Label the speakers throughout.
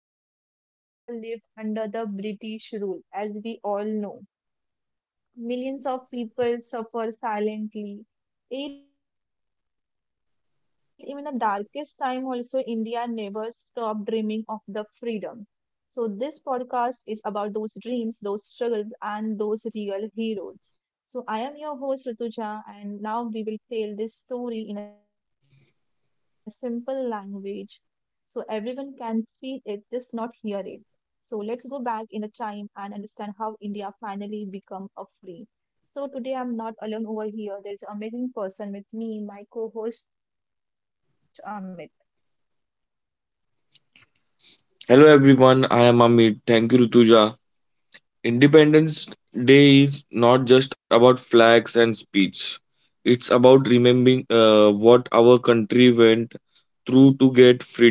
Speaker 1: ago, India lived under the British rule, as we all know millions of people suffer silently. Yet, even the darkest time, also, India never stopped dreaming of the freedom. So, this podcast is about those dreams, those struggles, and those real heroes. So, I am your host, Rutuja, and now we will tell this story in a simple language so everyone can feel it, just not hear it. So let's go back in the time and understand how India finally become a free. So today I'm not alone over here. There's an amazing person with me, my co-host Amit.
Speaker 2: Hello everyone, I am Amit. Thank you, Rutuja. Independence Day is not just about flags and speech. It's about remembering what our country went through to get freedom.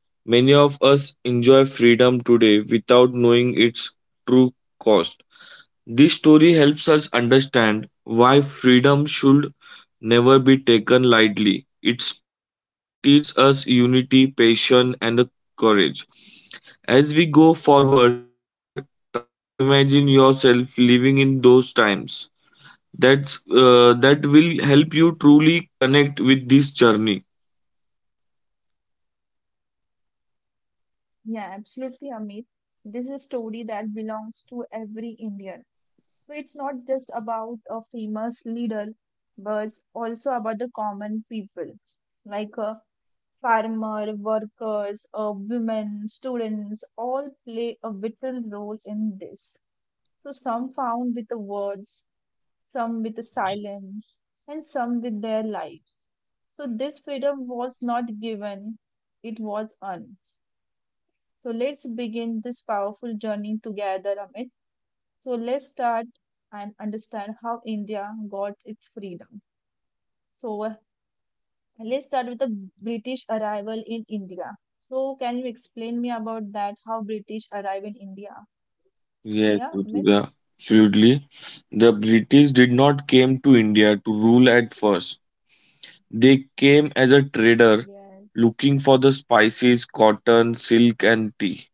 Speaker 2: Many of us enjoy freedom today without knowing its true cost. This story helps us understand why freedom should never be taken lightly. It teaches us unity, patience, and the courage. As we go forward, try to imagine yourself living in those times. That will help you truly connect with this journey.
Speaker 1: Yeah, absolutely Amit. This is a story that belongs to every Indian. So it's not just about a famous leader, but it's also about the common people, like farmer, workers, women, students, all play a vital role in this. So some found with the words, some with the silence, and some with their lives. So this freedom was not given, it was earned. So let's begin this powerful journey together, Amit. So let's start and understand how India got its freedom. So let's start with the British arrival in India. So can you explain me about that? How British arrived in India?
Speaker 2: Yes,
Speaker 1: Yeah, Amit?
Speaker 2: Rutika, absolutely. The British did not came to India to rule at first. They came as a trader
Speaker 1: Yes.
Speaker 2: looking for the spices, cotton, silk, and tea.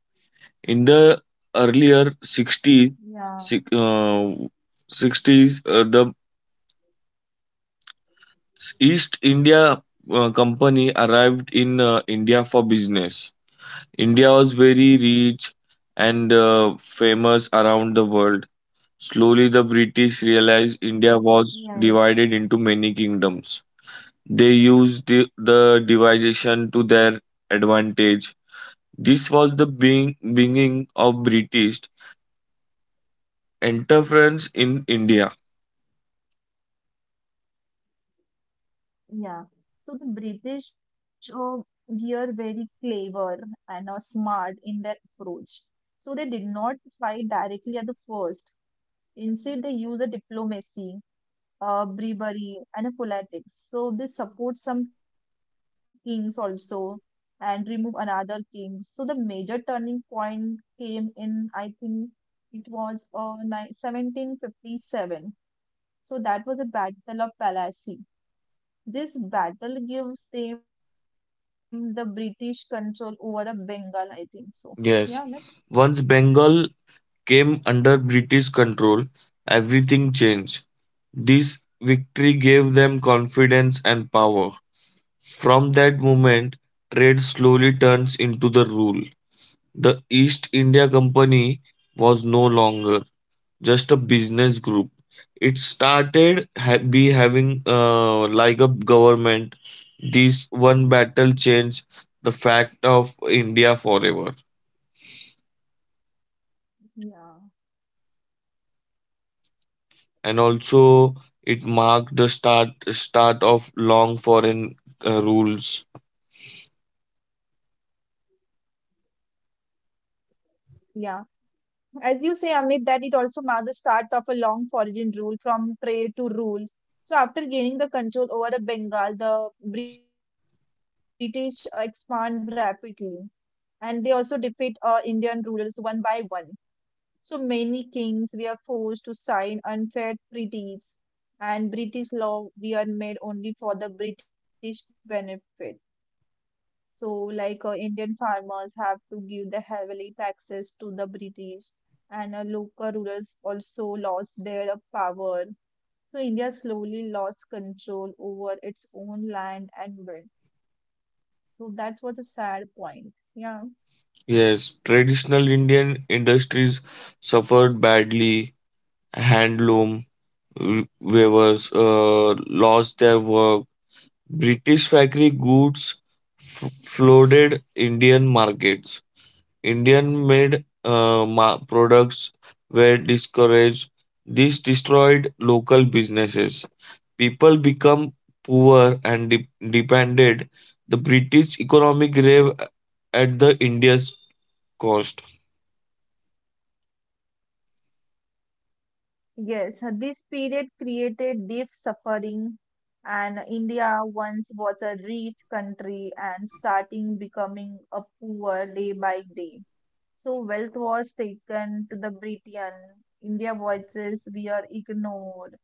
Speaker 2: In the earlier sixties,
Speaker 1: Yeah.
Speaker 2: six- uh, sixties the East India Company arrived in India for business. India was very rich and famous around the world. Slowly, the British realized India was divided
Speaker 1: Yes.
Speaker 2: into many kingdoms. They used the division to their advantage. This was the beginning of British interference in India.
Speaker 1: Yeah. So the British were very clever and smart in their approach. So they did not fight directly at the first. Instead, they used a diplomacy, bribery, and a politics. So they support some kings also and remove another king. So the major turning point came in, I think it was 1757. So that was a battle of Palassy. This battle gives them the British control over a Bengal, I think so. Yeah, Amit?
Speaker 2: Yes. Once Bengal came under British control, everything changed. This victory gave them confidence and power. From that moment, trade slowly turns into the rule. The East India Company was no longer just a business group. It started ha- be having like a government. This one battle changed the fact of India forever,
Speaker 1: Yeah.
Speaker 2: and also it marked the start of long foreign rules.
Speaker 1: Yeah. As you say, Amit, that it also marked the start of a long foraging rule from trade to rule. So after gaining the control over the Bengal, the British expand rapidly. And they also defeat Indian rulers one by one. So many kings were forced to sign unfair treaties, and British law were made only for the British benefit. So, like Indian farmers have to give the heavily taxes to the British, and local rulers also lost their power. So, India slowly lost control over its own land and wealth. So, that's what a sad point. Yeah.
Speaker 2: Yes, traditional Indian industries suffered badly. Handloom weavers lost their work. British factory goods flooded Indian markets. Indian made products were discouraged. This destroyed local businesses. People become poor and depended. The British economy grave at the India's cost.
Speaker 1: Yes, this period created deep suffering, and India once was a rich country and starting becoming a poor day by day. So wealth was taken to the Britain. India voices were ignored.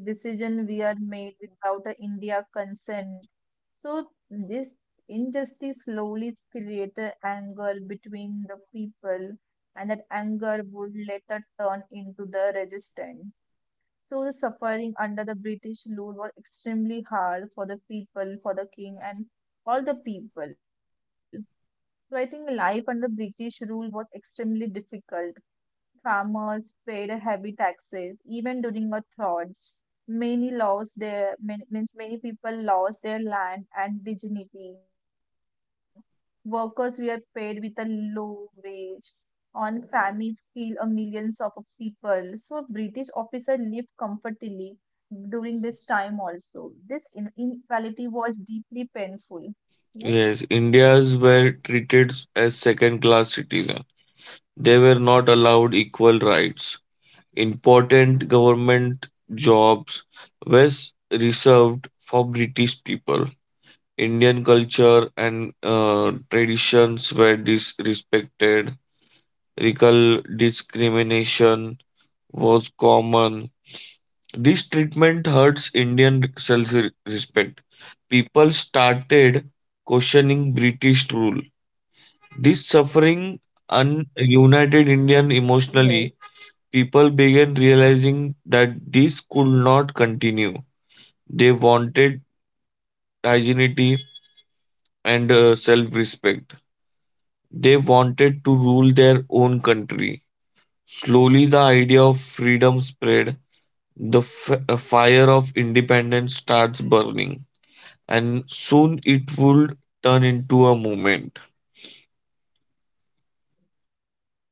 Speaker 1: Decisions were made without a India consent. So this injustice slowly created anger between the people and that anger would later turn into the resistance. So, the suffering under the British rule was extremely hard for the people, for the king, and all the people. So, I think life under British rule was extremely difficult farmers paid heavy taxes even during the droughts. Many lost their many, means many people lost their land and dignity. Workers were paid with a low wage. On famines killed a millions of people. So British officers lived comfortably during this time also. This inequality was deeply painful. Yes.
Speaker 2: Yes, Indians were treated as second class citizens. They were not allowed equal rights. Important government jobs were reserved for British people. Indian culture and traditions were disrespected. Recall discrimination was common. This treatment hurts Indian self respect. People started questioning British rule. This suffering united
Speaker 1: Yes.
Speaker 2: Indian emotionally. People began realizing that this could not continue. They wanted identity and self respect. They wanted to rule their own country. Slowly, the idea of freedom spread. The fire of independence starts burning, and soon it would turn into a movement.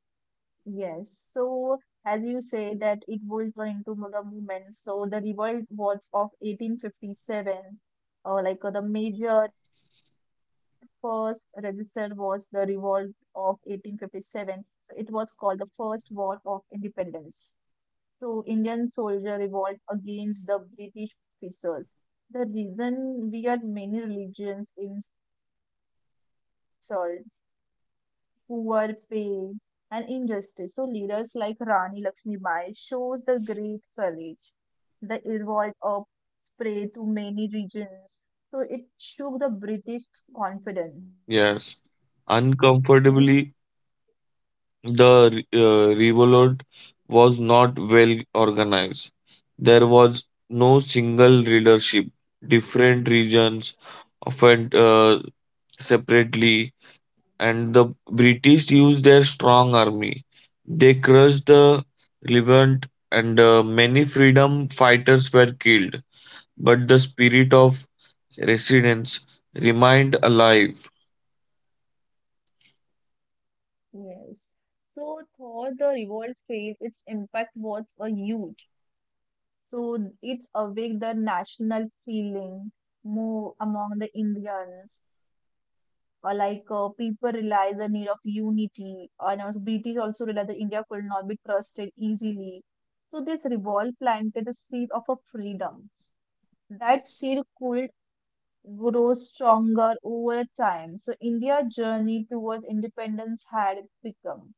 Speaker 1: Yes. So, as you say that it will turn into the movement, so the revolt was of 1857, or like the major first registered was the revolt of 1857. So it was called the First War of Independence. So Indian soldier revolt against the British officers. The reason we had many religions insult poor pay and injustice. So leaders like Rani Lakshmi Bai shows the great courage that evolved up spread to many regions. So it shook the British confidence.
Speaker 2: Yes,
Speaker 1: Yes.
Speaker 2: uncomfortably. The revolt was not well organized. There was no single leadership. Different regions often separately, and the British used their strong army. They crushed the Levant, and many freedom fighters were killed. But the spirit of resistance remained alive.
Speaker 1: Yes. So though the revolt failed, its impact was a huge. So it's awake the national feeling more among the Indians, or like people realize the need of unity, and also British also realized that India could not be trusted easily. So this revolt planted the seed of a freedom. That seed could grow stronger over time. So India's journey towards independence had become.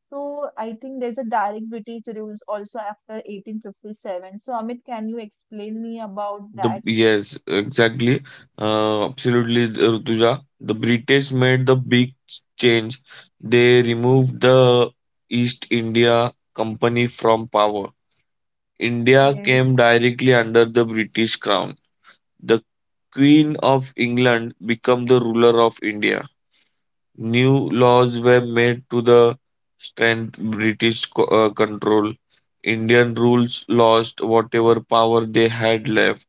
Speaker 1: So I think there's a direct British rules also after 1857. So Amit, can you explain me about that?
Speaker 2: Exactly. Absolutely, Rutuja. The British made the big change. They removed the East India Company from power. India came
Speaker 1: Yes.
Speaker 2: directly under the British crown. The Queen of England became the ruler of India. New laws were made to the strengthen British control. Indian rules lost whatever power they had left,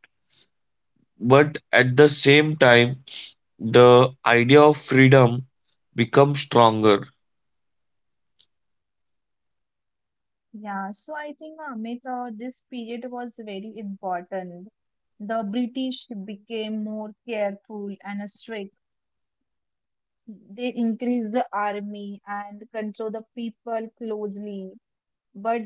Speaker 2: but at the same time, the idea of freedom becomes stronger.
Speaker 1: Yeah, so I think Amit, this period was very important. The British became more careful and strict. They increased the army and control the people closely.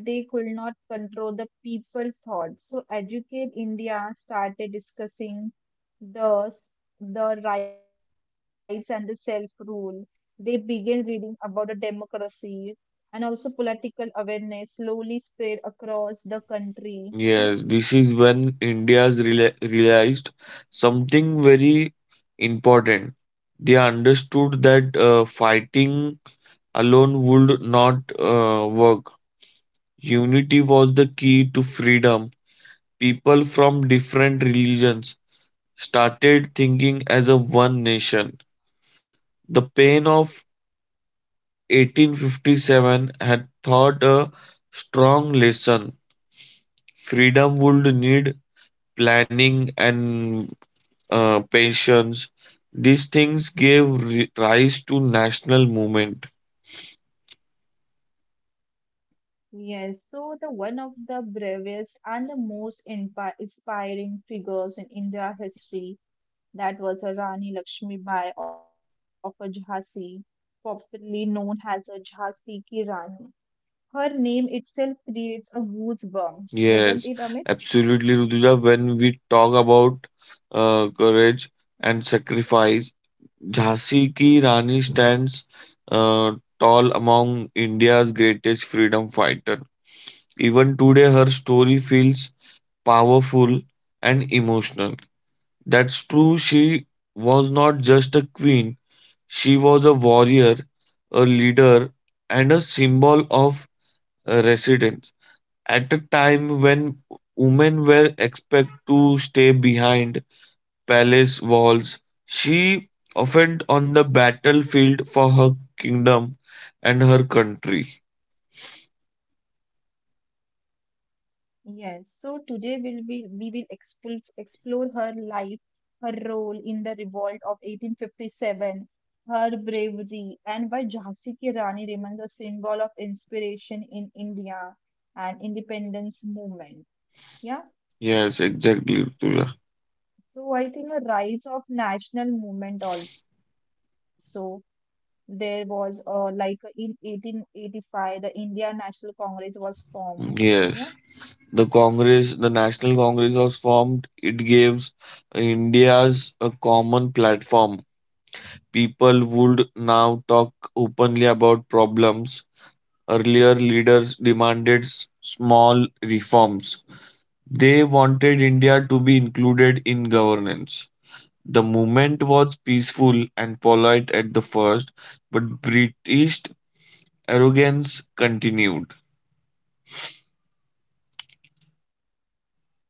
Speaker 1: But they could not control the people thought. So Educate India started discussing the, s- the rights and the self-rule. They began reading about the democracy and also political awareness slowly spread across the country. Yes.
Speaker 2: Yes, this is when realized something very important. They understood that fighting alone would not work. Unity was the key to freedom. People from different religions started thinking as a one nation. The pain of 1857 had taught a strong lesson. Freedom would need planning and patience. These things gave rise to national movement.
Speaker 1: Yes. So the one of the bravest and the most inspiring figures in India history. That was a Rani Lakshmi Bai of a Jhansi, popularly known as a Jhansi Ki Rani. Her name itself creates a goosebump, doesn't it,
Speaker 2: Yes,
Speaker 1: Amit?
Speaker 2: absolutely, Rutuja. When we talk about courage and sacrifice, Jhansi ki Rani stands uh, tall among India's greatest freedom fighter. Even today, her story feels powerful, and emotional. That's true. She was not just a queen, she was a warrior, a leader, and a symbol of resistance. At a time when women were expected to stay behind palace walls, she often on the battlefield for her kingdom and her country.
Speaker 1: Yes. So today we will explore her life, her role in the revolt of 1857, her bravery, and why Jhansi Ki Rani remains a symbol of inspiration in India and independence movement. Yeah.
Speaker 2: Yes, exactly, Rutuja.
Speaker 1: So I think a rise of national movement also. There was like in 1885, the India National Congress was formed. Yeah.
Speaker 2: Yes, the Congress, the National Congress was formed. It gives India's a common platform. People would now talk openly about problems. Earlier, leaders demanded small reforms. They wanted India to be included in governance. The movement was peaceful and polite at the first, but British arrogance continued.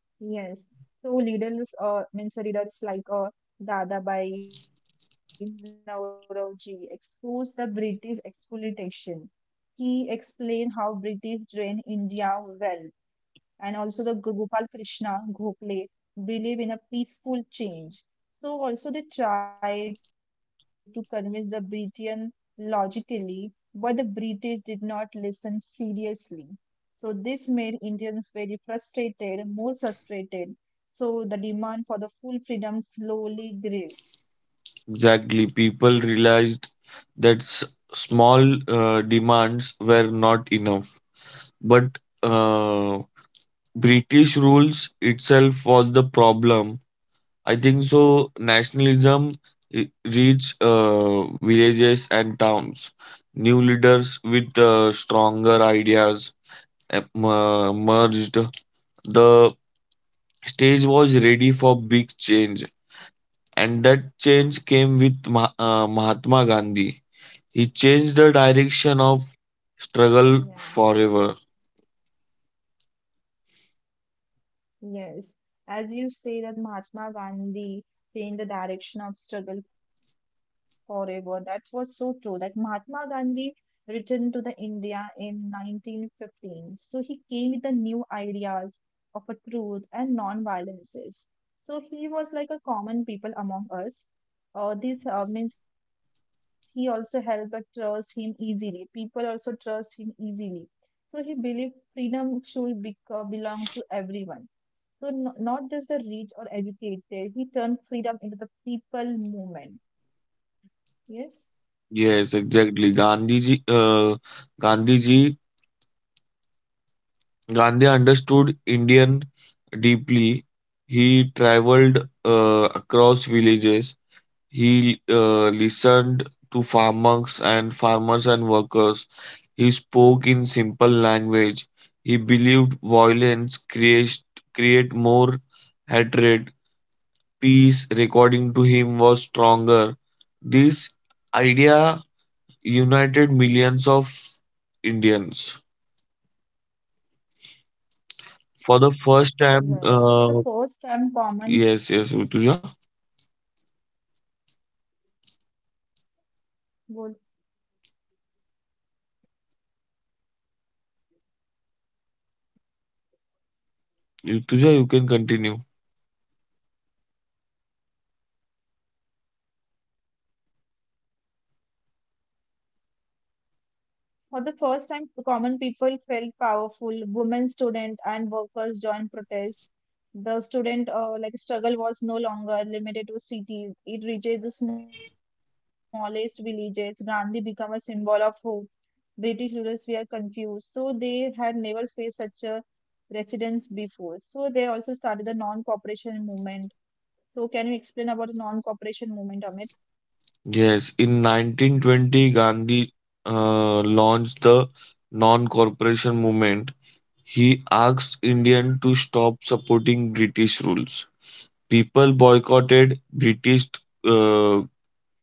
Speaker 1: Yes. So leaders like Dadabhai Nauroji exposed the British exploitation. He explained how British drained India well. And also the Gopal Krishna Gokhale believe in a peaceful change. So also they tried to convince the Britian logically, but the British did not listen seriously. So this made Indians very frustrated, more frustrated. So the demand for the full freedom slowly grew.
Speaker 2: Exactly, people realized that small demands were not enough. But British rules itself was the problem. I think so. Nationalism reached villages and towns. New leaders with stronger ideas merged. The stage was ready for big change, and that change came with Mahatma Gandhi. He changed the direction of
Speaker 1: Yeah.
Speaker 2: struggle forever.
Speaker 1: Yes, as you say that Mahatma Gandhi changed the direction of struggle forever. That was so true. Like Mahatma Gandhi returned to the India in 1915. So he came with the new ideas of a truth and non-violences. So he was like a common people among us. This means he also helped us trust him easily. People also trust him easily. So he believed freedom should be, belong to everyone so not just the rich or educated, he turned freedom into the people movement. Yes.
Speaker 2: Yes, exactly. Gandhiji, Gandhi understood Indian deeply. He traveled across villages. He listened to farmers and workers. He spoke in simple language. He believed violence create more hatred. Peace, according to him was stronger. This idea united millions of Indians. For the first time,
Speaker 1: Yes. For the first time,
Speaker 2: yes,
Speaker 1: common
Speaker 2: Rutuja.
Speaker 1: would
Speaker 2: Rutuja, you can continue.
Speaker 1: for the first time, common people felt powerful. Women, student, and workers joined protest. The student like struggle was no longer limited to cities. It reached the smallest villages. Gandhi became a symbol of hope. British rulers were confused, so they had never faced such a residents before. So they also started the non-cooperation movement. So can you explain about the non-cooperation movement, Amit?
Speaker 2: Yes, in 1920, Gandhi launched the non cooperation movement. He asked Indians to stop supporting British rules. People boycotted British uh,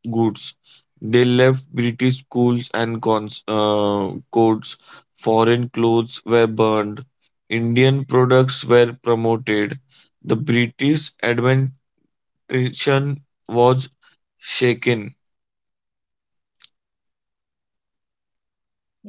Speaker 2: goods. They left British schools and courts, foreign clothes were burned, Indian products were promoted, the British administration was shaken.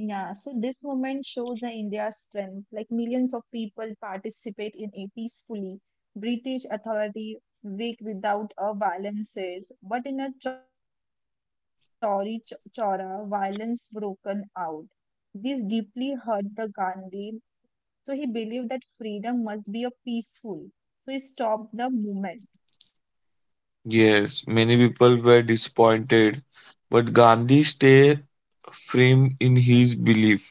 Speaker 1: Yeah, so this movement shows the India's strength. Like millions of people participate in it peacefully. British authority weak without a violences, but in a Chauri Chora, violence broken out. This deeply hurt the Gandhi. So he believed that freedom must be a peaceful. So he stopped the movement.
Speaker 2: Yes, many people were disappointed, but Gandhi stayed firm in his belief.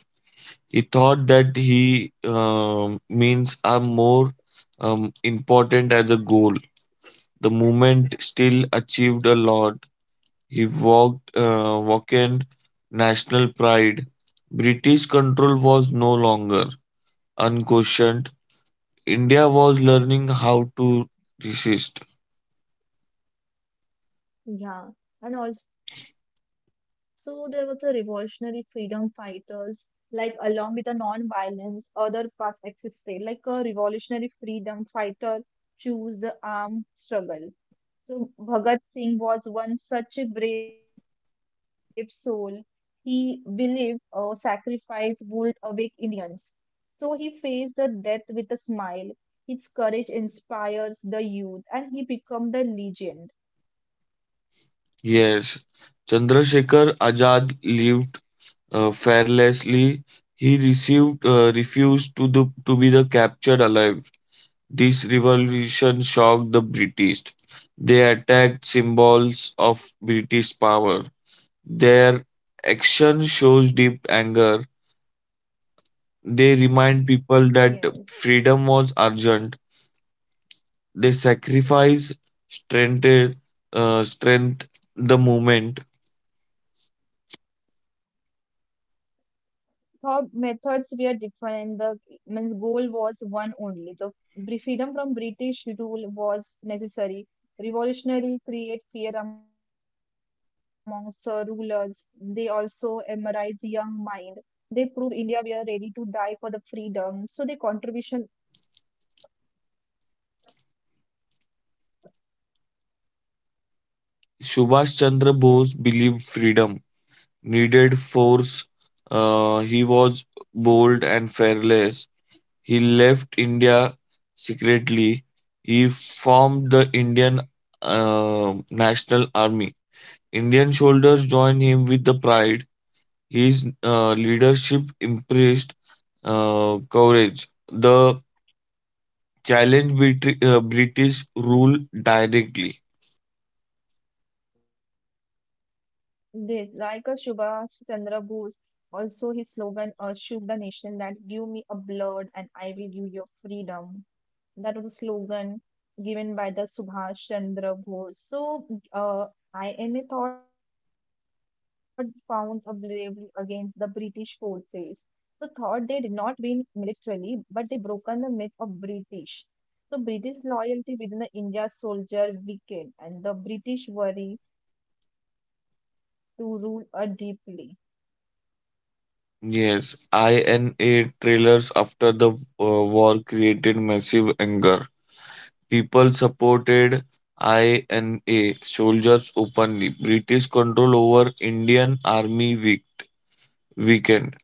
Speaker 2: He thought that he means are more important as a goal. The movement still achieved a lot. He walked Woken national pride. British control was no longer unquestioned. India was learning how to resist.
Speaker 1: Yeah, and also there was a revolutionary freedom fighters, like along with the non-violence, other paths existed, like a revolutionary freedom fighter choose the armed struggle. So Bhagat Singh was one such a brave soul. He believed sacrifice would awake Indians. So he faced the death with a smile. His courage inspires the youth and he became the legend.
Speaker 2: Yes, Chandrasekhar Azad lived fearlessly. He received refused to the, to be the captured alive. This revolution shocked the British. They attacked symbols of British power. Their action shows deep anger. They remind people that freedom was
Speaker 1: Yes.
Speaker 2: urgent. They sacrifice strength, strength the movement.
Speaker 1: Thought methods were different. The means goal was one only. The freedom from British rule was necessary. Revolutionary create fear amongst the rulers. They also embrace young mind. They prove India were ready to die for the freedom. So the contribution
Speaker 2: Subhash Chandra Bose believed freedom needed force. He was bold and fearless. He left India secretly. He formed the Indian National Army. Indian soldiers joined him with the pride. His leadership impressed courage. The challenge British rule directly.
Speaker 1: did. Like a Subhash Chandra Bose, also his slogan shook the nation that give me a blood and I will give you freedom. That was a slogan given by the Subhash Chandra Bose. So, uh, INA thought found a bravery against the British forces. So, thought they did not win militarily, but they broken the myth of British. So, British loyalty within the India soldier weakened, and the British worry to rule a deeply.
Speaker 2: Yes, INA trailers after the war created massive anger. People supported INA soldiers openly. British control over Indian army weakened.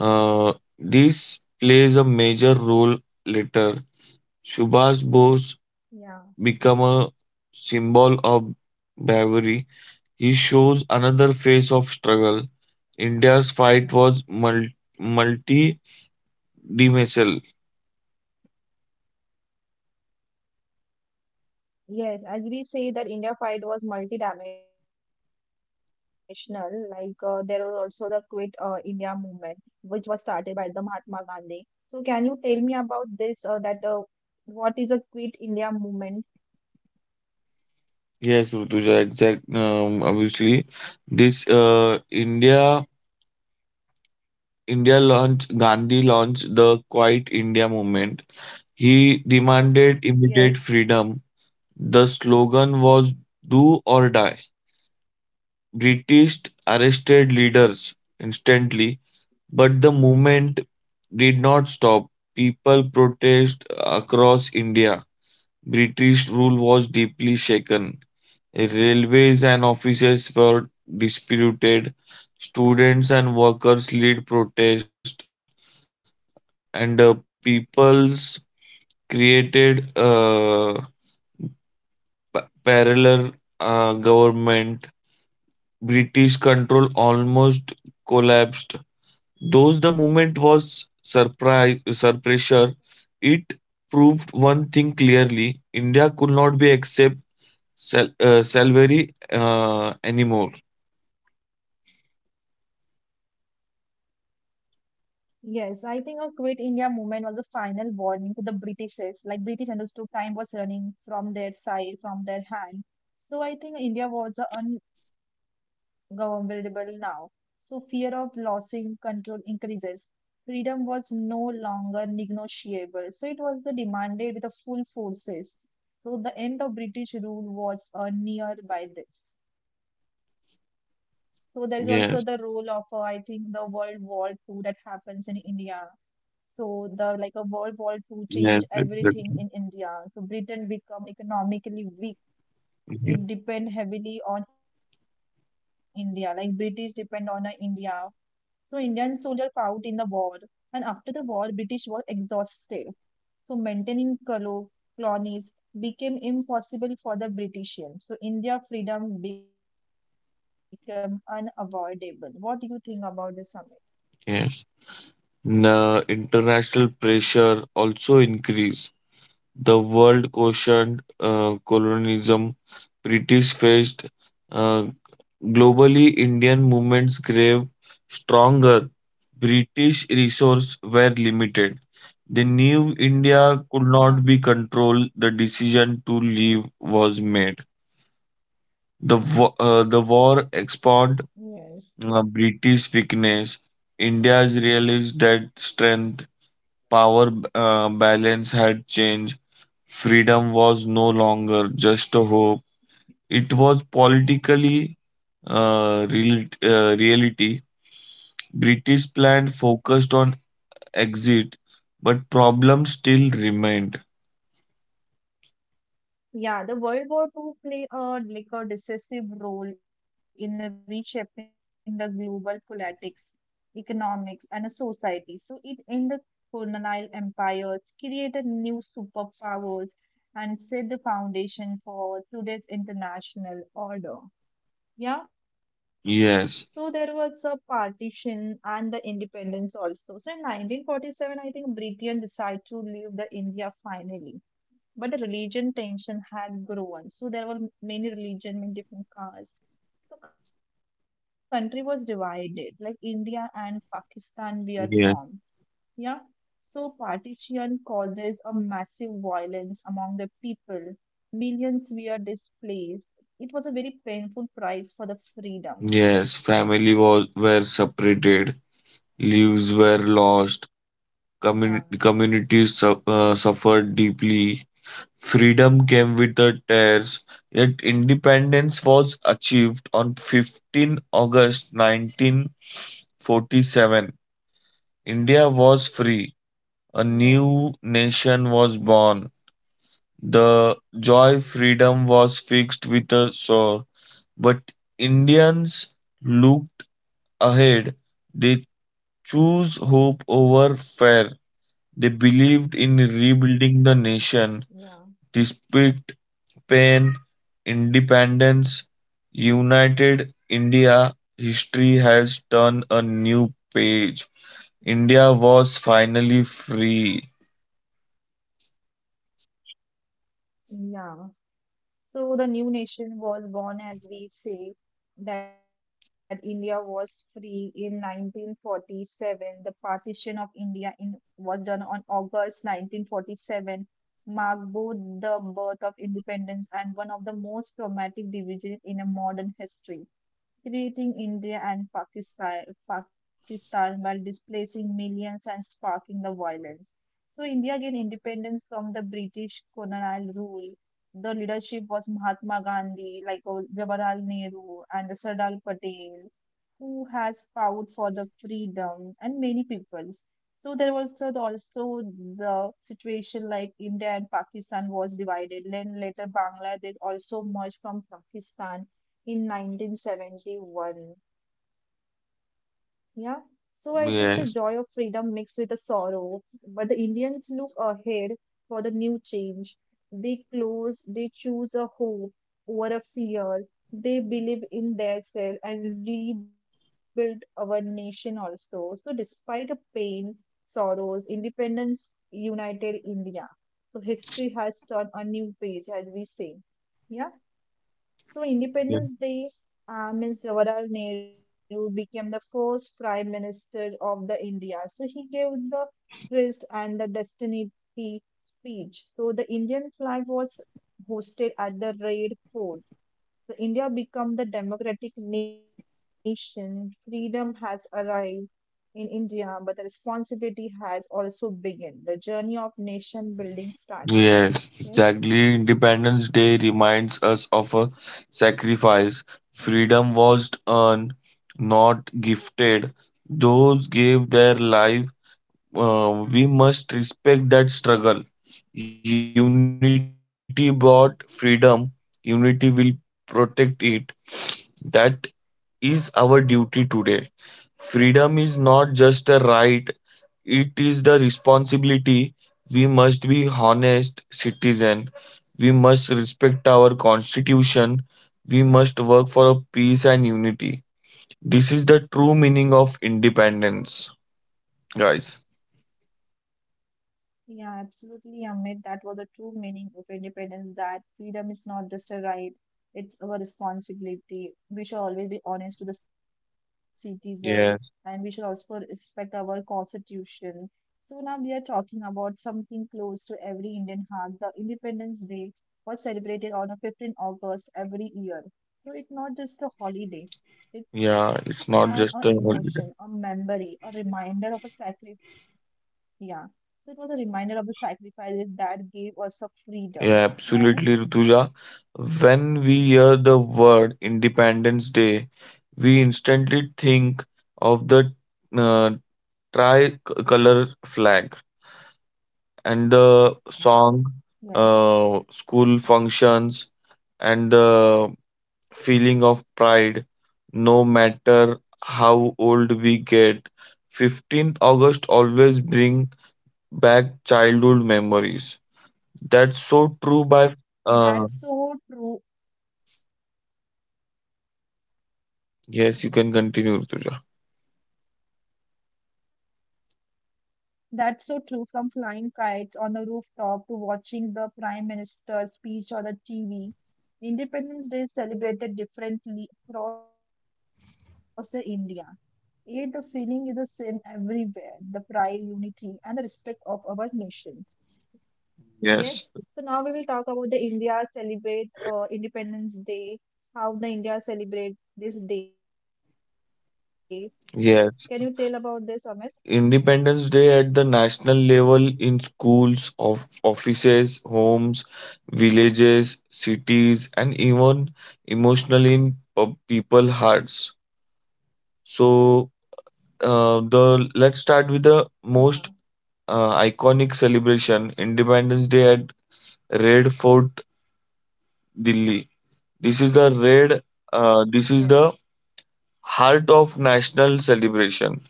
Speaker 2: Uh, this plays a major role later. Subhash Bose become a
Speaker 1: Yeah.
Speaker 2: symbol of bravery, he shows another face of struggle. India's fight was multi-dimensional.
Speaker 1: Yes, as we say that India fight was multidimensional, like there was also the Quit India movement, which was started by the Mahatma Gandhi. So can you tell me about this or that what is a Quit India movement?
Speaker 2: Yes, Rutuja, exact. Obviously, this India India launched, Gandhi launched the Quiet India movement. He demanded immediate freedom.
Speaker 1: Yes.
Speaker 2: The slogan was "Do or Die." British arrested leaders instantly. But the movement did not stop. People protest across India. British rule was deeply shaken. Railways and offices were disputed. Students and workers led protest, and the peoples created a parallel government. British control almost collapsed. Those the movement was pressure, it proved one thing clearly: India could not be salary anymore.
Speaker 1: Yes, I think a Quit India movement was a final warning to the Britishers. Like British understood time was running from their side, from their hand. So I think India was ungovernable now. So fear of losing control increases. Freedom was no longer negotiable. So it was the demanded with the full forces. So the end of British rule was near by this. So there is also
Speaker 2: Yes,
Speaker 1: the role of I think the World War II that happens in India. So the like a World
Speaker 2: yes,
Speaker 1: War Two
Speaker 2: exactly.
Speaker 1: change everything in India. So Britain become economically
Speaker 2: Yes.
Speaker 1: weak. It depend heavily on India. Like British depend on India. So Indian soldier fought in the war, and after the war, British were exhausted. So maintaining colonies became impossible for the British. So India freedom became unavoidable. What do you think about this summit?
Speaker 2: Yes. The international pressure also increased. The world questioned colonialism. British faced uh, globally. Indian movements grave stronger. British resources were limited. They knew India could not be controlled. The
Speaker 1: Yeah,
Speaker 2: decision to leave was made. The the war expanded
Speaker 1: yes.
Speaker 2: British weakness. India's realized that strength, power balance had changed. Freedom was no longer just a hope, it was politically reality. British plan focused on exit, but problems still remained.
Speaker 1: Yeah, the World War Two play a decisive role in reshaping the global politics, economics, and a society. So it ended the colonial empires, created new superpowers, and set the foundation for today's international order. Yeah. So
Speaker 2: Yes,
Speaker 1: there was a partition and the independence also. So in 1947, I think Britain decided to leave the India finally. But the religion tension had grown. So there were many religion, many different castes. The country was divided, like India and Pakistan were
Speaker 2: yes,
Speaker 1: formed. Yeah. So partition causes a massive violence among the people. Millions were displaced. It was a very painful price for the freedom.
Speaker 2: yes. Family was were separated, lives were lost,
Speaker 1: Yeah.
Speaker 2: communities suffered deeply. Freedom came with the tears, yet independence was achieved on August 15 1947. India was free. A new
Speaker 1: Yes.
Speaker 2: nation was born. The joy freedom was fixed with a sword. But Indians looked ahead. They chose hope over fear. They believed in rebuilding the nation
Speaker 1: Yeah.
Speaker 2: despite pain, independence, United India, history has turned a new page. India was finally free.
Speaker 1: Yeah. So the new nation was born, as we say, that India was free in 1947. The partition of India in, was done on August 1947, marked both the birth of independence and one of the most traumatic divisions in a modern history, creating India and Pakistan, Pakistan, by displacing millions and sparking the violence. So India gained independence from the British colonial rule. The leadership was Mahatma Gandhi, like Jawaharlal Nehru and the Sardar Patel, who has fought for the freedom and many peoples. So there was also the situation like India and Pakistan was divided. Then later Bangladesh also merged from Pakistan in 1971.
Speaker 2: Yes,
Speaker 1: Yeah. So I think the joy of freedom mixed with the sorrow, but the Indians look ahead for the new change. They close, they choose a hope over a fear. They believe in their self and rebuild our nation also. So despite the pain, sorrows, independence united India. So history has turned a new page, as we say. Yeah.
Speaker 2: yes,
Speaker 1: So Independence Day, means Jawaharlal Nehru became the first Prime Minister of the India. So he gave the twist and the destiny speech. So the Indian flag was hosted at the Red Fort. So India become the democratic nation. Freedom has arrived in India, but the responsibility has also begun. The journey of nation building
Speaker 2: yes,
Speaker 1: started.
Speaker 2: exactly.
Speaker 1: Yes.
Speaker 2: Independence Day reminds us of a sacrifice. Freedom was earned, not gifted. Those gave their lives, we must respect that struggle. Unity brought freedom, unity will protect it. That is our duty today. Freedom is not just a right, it is the responsibility. We must be honest citizen. We must respect our constitution. We must work for peace and unity. This is the true meaning of independence, guys.
Speaker 1: Yeah, absolutely, Amit. That was the true meaning of independence, that freedom is not just a right, it's our responsibility. We should always be honest to the citizen,
Speaker 2: Yeah,
Speaker 1: and we should also respect our constitution. So now we are talking about something close to every Indian heart. The Independence Day was celebrated on the 15th of August every year. So it's not just a holiday.
Speaker 2: yeah,
Speaker 1: It's
Speaker 2: it's not just
Speaker 1: an
Speaker 2: a holiday.
Speaker 1: emotion, a memory, a reminder of a sacrifice, yeah. So it was a reminder of the sacrifices that gave us a
Speaker 2: Yeah,
Speaker 1: freedom.
Speaker 2: absolutely,
Speaker 1: Yeah, Amit?
Speaker 2: Rutuja. When we hear the word Independence Day, we instantly think of the uh, tricolor flag and the song,
Speaker 1: Yes.
Speaker 2: school functions, and the feeling of pride. No matter how old we get, August 15 always bring back childhood memories. That's so true by uh,
Speaker 1: That's so true.
Speaker 2: Yes, you can continue, Rutuja.
Speaker 1: That's so true, from flying kites on the rooftop to watching the Prime Minister's speech on the TV. Independence Day is celebrated differently across the India. Yet the feeling is the same everywhere, the pride, unity, and the respect of our nation.
Speaker 2: Yes.
Speaker 1: Yes. So now we will talk about the India celebrate Independence Day, how the India celebrate this day.
Speaker 2: Yes,
Speaker 1: Can you tell about this, Amit?
Speaker 2: Independence Day at the national level in schools, of offices, homes, villages, cities, and even emotionally in people hearts. So, the let's start with the
Speaker 1: Yeah.
Speaker 2: most iconic celebration, Independence Day at Red Fort, Delhi. This is the red. This is the
Speaker 1: Yes.
Speaker 2: heart of national celebration.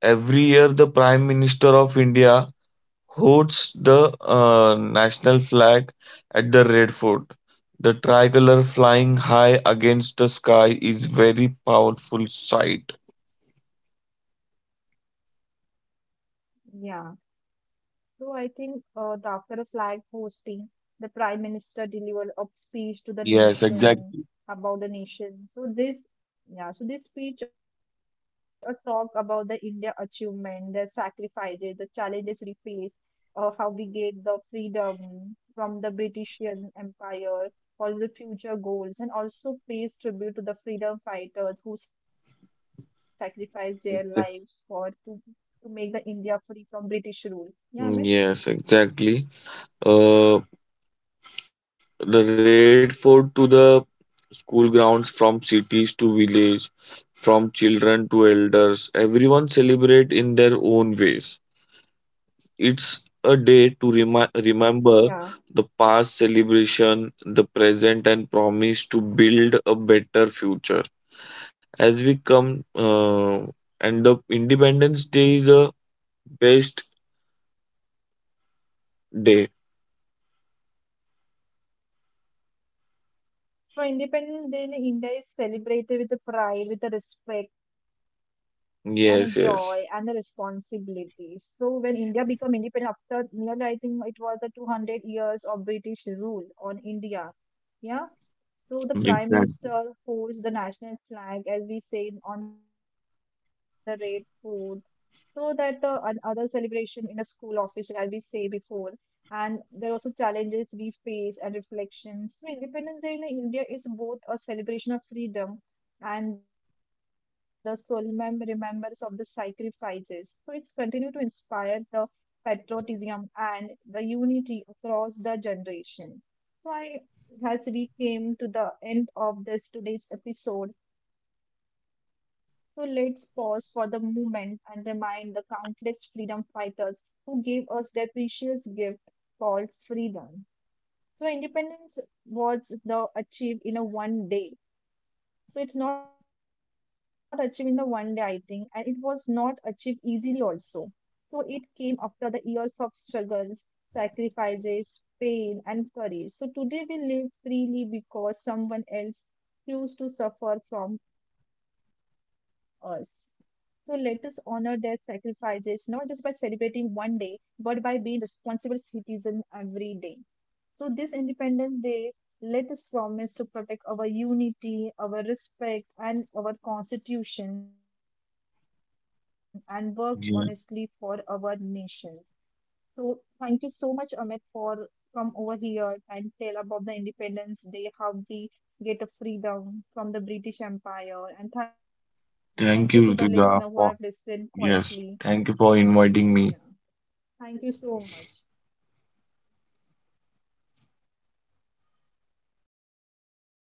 Speaker 2: Every year, the Prime Minister of India hosts the national flag at the Red Fort. The tricolor flying high against the sky is very powerful sight.
Speaker 1: Yeah. So I think the after a flag hosting, the Prime Minister delivered a
Speaker 2: Yes,
Speaker 1: speech to the
Speaker 2: exactly.
Speaker 1: nation about the nation. So this, yeah, so this speech talk about the India achievement, the sacrifices, the challenges we face, how we gained the freedom from the British Empire, all the future goals, and also pays tribute to the freedom fighters who sacrificed their
Speaker 2: Exac-
Speaker 1: lives for to make the India free from British rule.
Speaker 2: Mm, yes,
Speaker 1: Yeah, Amit.
Speaker 2: exactly. Uh, the Red Fort to the school grounds, from cities to village, from children to elders, everyone celebrate in their own ways. It's a day to remember the past
Speaker 1: Yeah.
Speaker 2: celebration, the present, and promise to build a better future. As we come, and the Independence Day is a best day.
Speaker 1: So Independence Day in India is celebrated with the pride, with the respect and a
Speaker 2: Yes, yes.
Speaker 1: joy and the responsibility. So when India became independent after nearly, I think it was a 200 years of British rule on India. Yeah.
Speaker 2: Exactly.
Speaker 1: So the prime minister holds the national flag, as we said, on the red fort. So that other celebration in a school office, as we say before. And there are also challenges we face and reflections. So Independence Day in India is both a celebration of freedom and the solemn remembrance of the sacrifices. So it's continued to inspire the patriotism and the unity across the generation. So I, as we came to the end of this today's episode, so let's pause for the moment and remind the countless freedom fighters who gave us their precious gift called freedom. So independence was the achieved in a one day, so it's not achieved in a one day, I think, and it was not achieved easily also. So it came after the years of struggles, sacrifices, pain, and courage. So today we live freely because someone else chose to suffer from us. So let us honor their sacrifices, not just by celebrating one day, but by being responsible citizen every day. So, this Independence Day, let us promise to protect our unity, our respect, and our constitution and work honestly for our nation.
Speaker 2: Yeah.
Speaker 1: So, thank you so much, Amit, for come over here and tell about the Independence Day, how we get a freedom from the British Empire. And thank you to the listener who have listened
Speaker 2: Thank you,
Speaker 1: quietly.
Speaker 2: Rutuja, for
Speaker 1: So,
Speaker 2: yes. Thank
Speaker 1: yeah,
Speaker 2: you for inviting me.
Speaker 1: thank you so much.